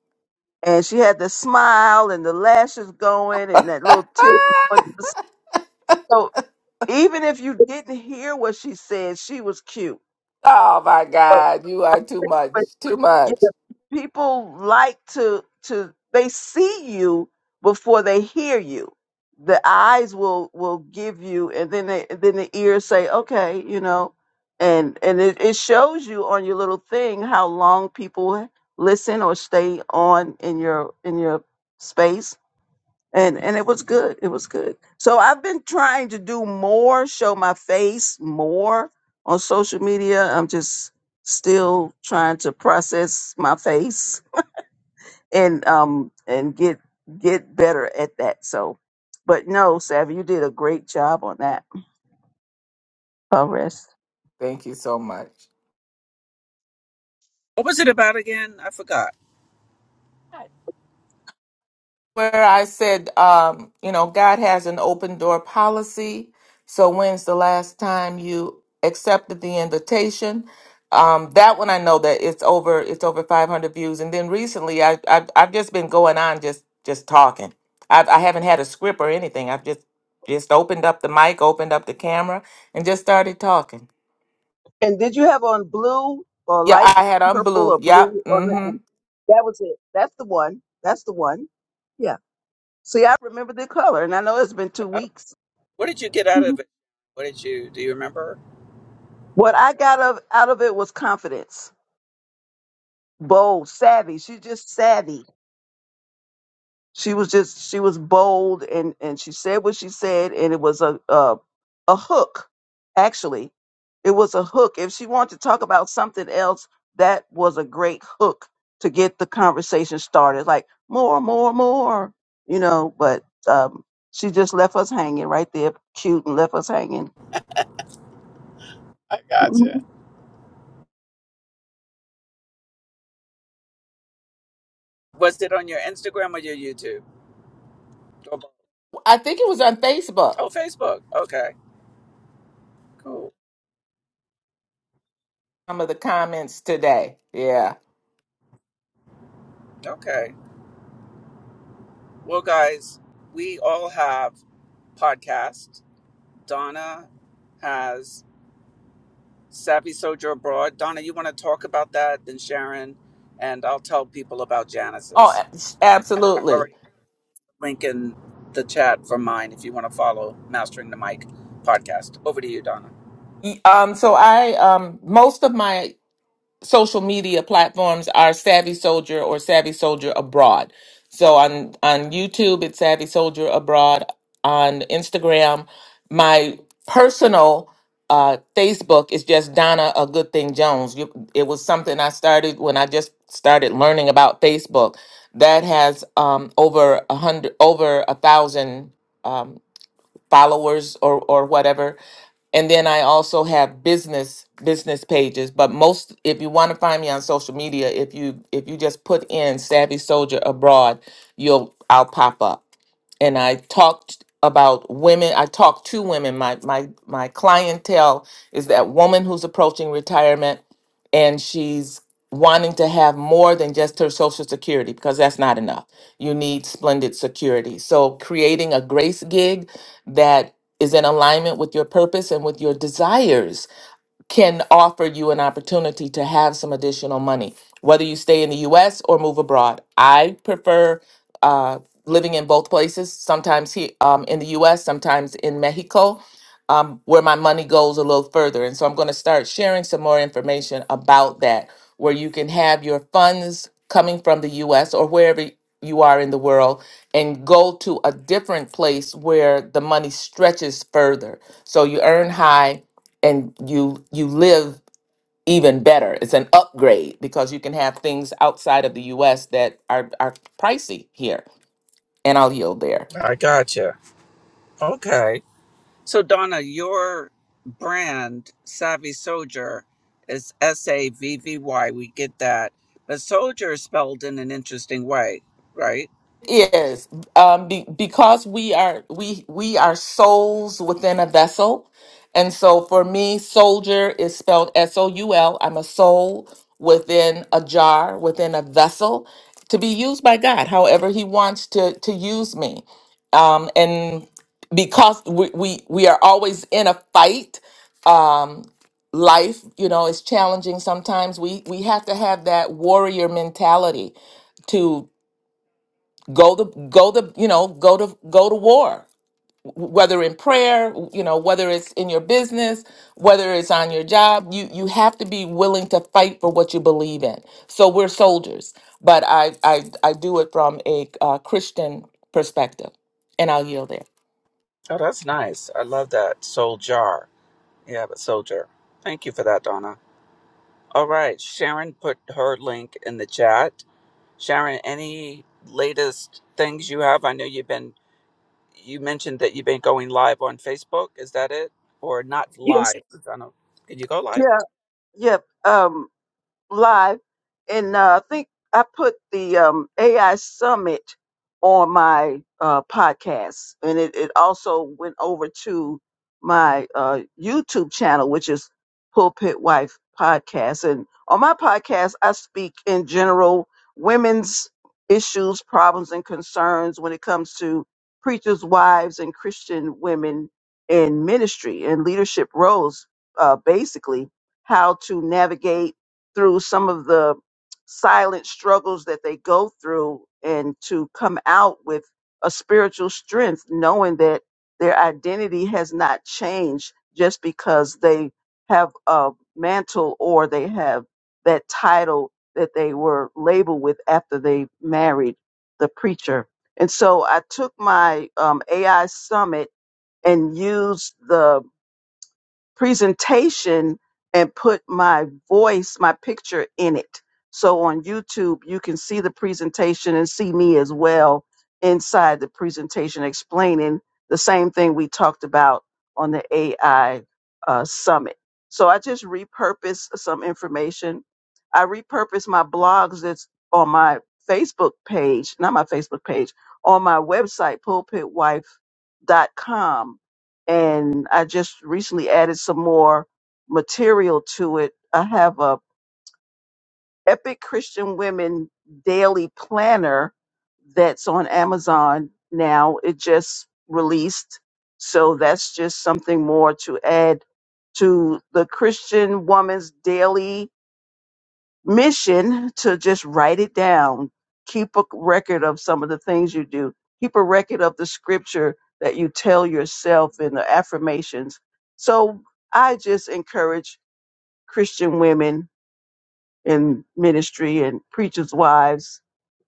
Speaker 2: And she had the smile and the lashes going and that little tilt. So even if you didn't hear what she said, she was cute.
Speaker 3: Oh my God, you are too much, too much.
Speaker 2: people like to to they see you before they hear you the eyes will will give you and then they, then the ears say okay you know and and it, it shows you on your little thing how long people listen or stay on in your in your space and and it was good it was good so i've been trying to do more show my face more on social media i'm just still trying to process my face and um and get get better at that. So, but no, Savvy, you did a great job on that. I'll rest.
Speaker 3: Thank you so much.
Speaker 1: What was it about again? I forgot.
Speaker 3: Where I said, um, you know, God has an open door policy. So when's the last time you accepted the invitation? Um, that one I know that it's over, it's over 500 views. And then recently, I, I I've just been going on just just talking. I've, I haven't had a script or anything. I've just just opened up the mic, opened up the camera, and just started talking.
Speaker 2: And did you have on blue or
Speaker 3: Yeah,
Speaker 2: light
Speaker 3: I had on
Speaker 2: purple
Speaker 3: blue.
Speaker 2: or
Speaker 3: Yep.
Speaker 2: blue on that
Speaker 3: Mm-hmm.
Speaker 2: one? That was it. That's the one. That's the one. Yeah. See, I remember the color, and I know it's been two
Speaker 1: Uh,
Speaker 2: weeks.
Speaker 1: What did you get out
Speaker 2: Mhm.
Speaker 1: of it? What did you? Do you remember?
Speaker 2: What I got of, out of it was confidence, bold, savvy. She's just savvy. She was just she was bold and and she said what she said and it was a a, a hook actually. It was a hook. If she wanted to talk about something else, that was a great hook to get the conversation started. Like more, more, more, you know. But um, she just left us hanging right there, cute, and left us hanging.
Speaker 1: I gotcha.
Speaker 2: Mhm.
Speaker 1: Was it on your Instagram or your YouTube? Or both?
Speaker 3: I think it was on Facebook.
Speaker 1: Oh, Facebook. Okay, cool.
Speaker 3: Some of the comments today. Yeah.
Speaker 1: Okay. Well, guys, we all have podcasts. Donna has Savvy Soldier Abroad. Donna, you want to talk about that? Then Sharon, and I'll tell people about
Speaker 3: Oh,
Speaker 1: Janice's.
Speaker 3: a-
Speaker 1: I
Speaker 3: absolutely.
Speaker 1: already put a link in the chat for mine if you want to follow Mastering the Mic podcast. Over to you, Donna.
Speaker 3: Y- Um, so I um most of my social media platforms are Savvy Soldier or Savvy Soldier Abroad. So on on YouTube, it's Savvy Soldier Abroad. On Instagram, my personal uh, Facebook is just Donna A Good Thing Jones. You, it was something I started when I just started learning about Facebook. That has um, over a hundred, over a thousand. um, followers or or whatever and then I also have business business pages. But most, if you want to find me on social media, if you if you just put in Savvy Soldier Abroad, you'll I'll pop up and I talked about women. I talked to women. My my my clientele is that woman who's approaching retirement and she's wanting to have more than just her social security because that's not enough. You need splendid security. So creating a grace gig that is in alignment with your purpose and with your desires can offer you an opportunity to have some additional money, whether you stay in the US or move abroad. I prefer uh, living in both places, sometimes he, um, in the US, sometimes in Mexico, um, where my money goes a little further. And so I'm going to start sharing some more information about that, where you can have your funds coming from the US or wherever you are in the world and go to a different place where the money stretches further. So you earn high and you you live even better. It's an upgrade because you can have things outside of the US that are are pricey here. And I'll yield there.
Speaker 1: I gotcha. Okay. So, Donna, your brand, Savvy Soldier, is S A V V Y. We get that. But soldier is spelled in an interesting way, right?
Speaker 3: Yes, um, be, because we are we we are souls within a vessel, and so for me, soldier is spelled S O U L. I'm a soul within a jar, within a vessel, to be used by God, however He wants to to use me. Um, and because we, we we are always in a fight, um, life you know is challenging. Sometimes we we have to have that warrior mentality go the go the you know go to go to war whether in prayer you know whether it's in your business whether it's on your job you you have to be willing to fight for what you believe in so we're soldiers but i i, I do it from a uh, christian perspective and i'll yield there
Speaker 1: Oh, that's nice. I love that. Soldier. Yeah, but soldier. Thank you for that, Donna. All right. Sharon put her link in the chat. Sharon, any latest things you have? I know you've been, you mentioned that you've been going live on Facebook. Is that it? Or not
Speaker 2: Yes.
Speaker 1: live, I don't, can you go live?
Speaker 2: Yeah. Yep. Um, live, and uh, I think I put the um, AI Summit on my uh, podcast, and it, it also went over to my uh, YouTube channel, which is Pulpit Wife Podcast. And on my podcast, I speak in general women's issues, problems, and concerns when it comes to preachers' wives and Christian women in ministry and leadership roles, uh, basically how to navigate through some of the silent struggles that they go through and to come out with a spiritual strength, knowing that their identity has not changed just because they have a mantle or they have that title that they were labeled with after they married the preacher. And so I took my um, AI summit and used the presentation and put my voice, my picture in it. So on YouTube, you can see the presentation and see me as well inside the presentation explaining the same thing we talked about on the AI uh, summit. So I just repurposed some information. I repurposed my blogs that's on my Facebook page, not my Facebook page, on my website, pulpitwife.com and I just recently added some more material to it. I have a Epic Christian Women Daily Planner that's on Amazon now. It just released. So that's just something more to add to the Christian Woman's Daily mission to just write it down. Keep a record of some of the things you do. Keep a record of the scripture that you tell yourself and the affirmations. So I just encourage Christian women in ministry and preachers' wives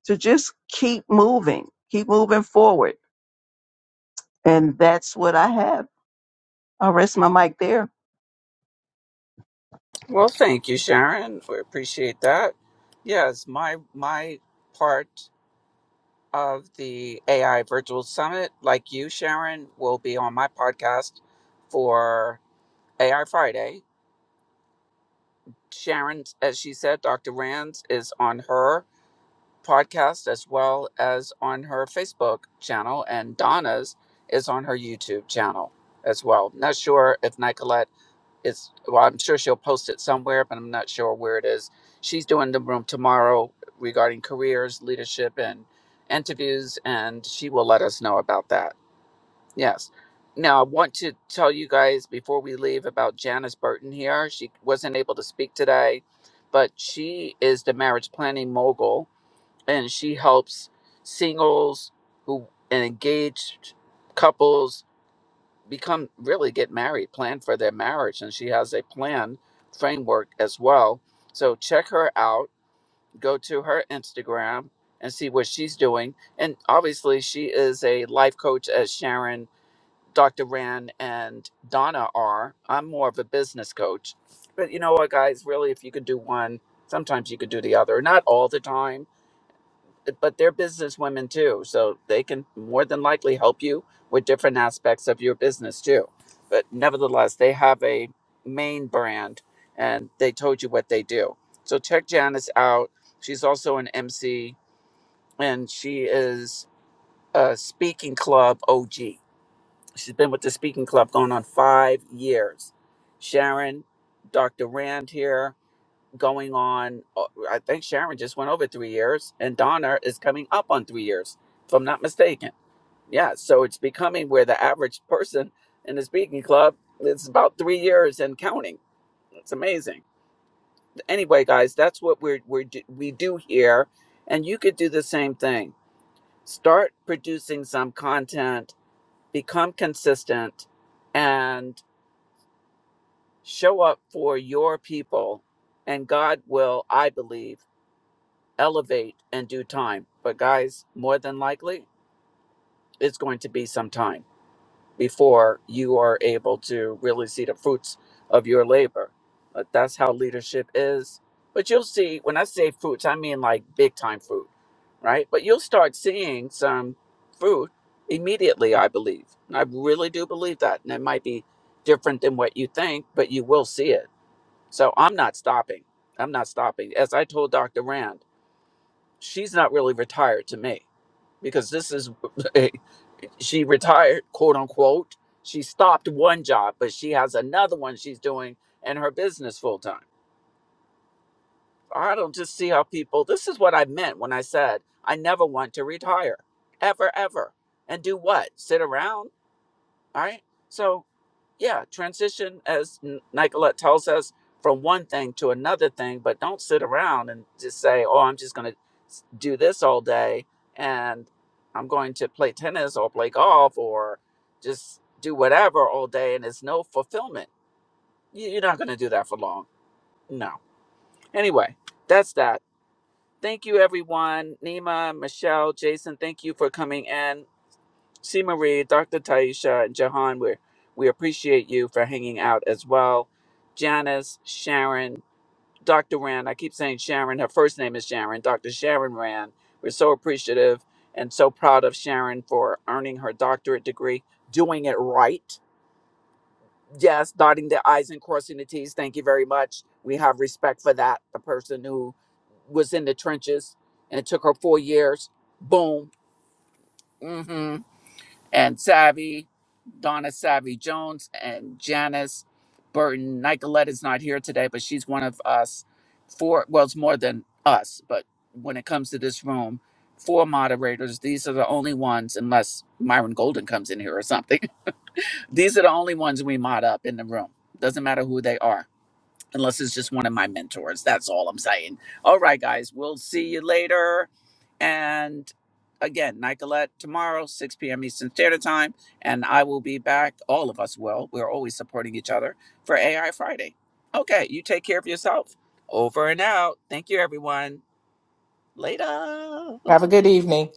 Speaker 2: to just keep moving, keep moving forward. And that's what I have. I'll rest my mic there.
Speaker 1: Well, thank you, Sharon. We appreciate that. Yes, my my part of the AI Virtual Summit, like you, Sharon, will be on my podcast for AI Friday. Sharon, as she said, Dr. Rands is on her podcast as well as on her Facebook channel, and Donna's is on her YouTube channel as well. Not sure if Nicolette it's well i'm sure she'll post it somewhere but i'm not sure where it is she's doing the room tomorrow regarding careers leadership and interviews and she will let us know about that yes now i want to tell you guys before we leave about janice burton here she wasn't able to speak today but she is the marriage planning mogul and she helps singles who and engaged couples become really get married, plan for their marriage. And she has a plan framework as well. So check her out, go to her Instagram and see what she's doing. And obviously, she is a life coach, as Sharon, Dr. Rand, and Donna are. I'm more of a business coach. But you know what, guys, really, if you could do one, sometimes you could do the other. Not all the time but they're business women too so they can more than likely help you with different aspects of your business too but nevertheless they have a main brand and they told you what they do so check janice out she's also an mc and she is a speaking club og she's been with the speaking club going on five years sharon dr rand here going on. uh, I think Sharon just went over three years, and Donna is coming up on three years, if I'm not mistaken. Yeah, so it's becoming where the average person in the speaking club it's about three years and counting. It's amazing. Anyway, guys, that's what we're, we're do- we do here, and you could do the same thing. Start producing some content, become consistent, and show up for your people, and God will, I believe elevate in due time. But guys, more than likely, it's going to be some time before you are able to really see the fruits of your labor. But that's how leadership is. But you'll see, when I say fruits, I mean like big time fruit, right? But you'll start seeing some fruit immediately, I believe. And I really do believe that. And it might be different than what you think, but you will see it. So I'm not stopping. I'm not stopping. As I told Dr. Rand, she's not really retired to me because this is she retired quote unquote she stopped one job but she has another one she's doing in her business full time i don't just see how people this is what i meant when i said i never want to retire ever ever and do what sit around all right so yeah, transition, as N- Nicolette tells us, from one thing to another thing, but don't sit around and just say, oh, I'm just going to do this all day and I'm going to play tennis or play golf or just do whatever all day and it's no fulfillment. You- You're not going to do that for long. No. Anyway, that's that. Thank you, everyone. Nima, Michelle, Jason, thank you for coming in. C. Marie, Dr. Taisha, and Jahan, we we appreciate you for hanging out as well. Janice, Sharon, Dr. Rand, I keep saying Sharon, her first name is Sharon, Dr. Sharon Rand. We're so appreciative and so proud of Sharon for earning her doctorate degree, doing it right. Yes, dotting the I's and crossing the T's. Thank you very much. We have respect for that. The person who was in the trenches and it took her four years. Boom. Mhm and Savvy, Donna Savvy Jones, and Janice Burton. Nicolette is not here today, but she's one of us. Four, well, it's more than us, but when it comes to this room, four moderators. These are the only ones, unless Myron Golden comes in here or something. These are the only ones we mod up in the room. Doesn't matter who they are unless it's just one of my mentors. That's all I'm saying. All right, guys, we'll see you later. And again, Nicolette tomorrow, 6 p.m. Eastern Standard Time. And I will be back. All of us will. We're always supporting each other for AI Friday. Okay, you take care of yourself. Over and out. Thank you, everyone. Later.
Speaker 3: have a good evening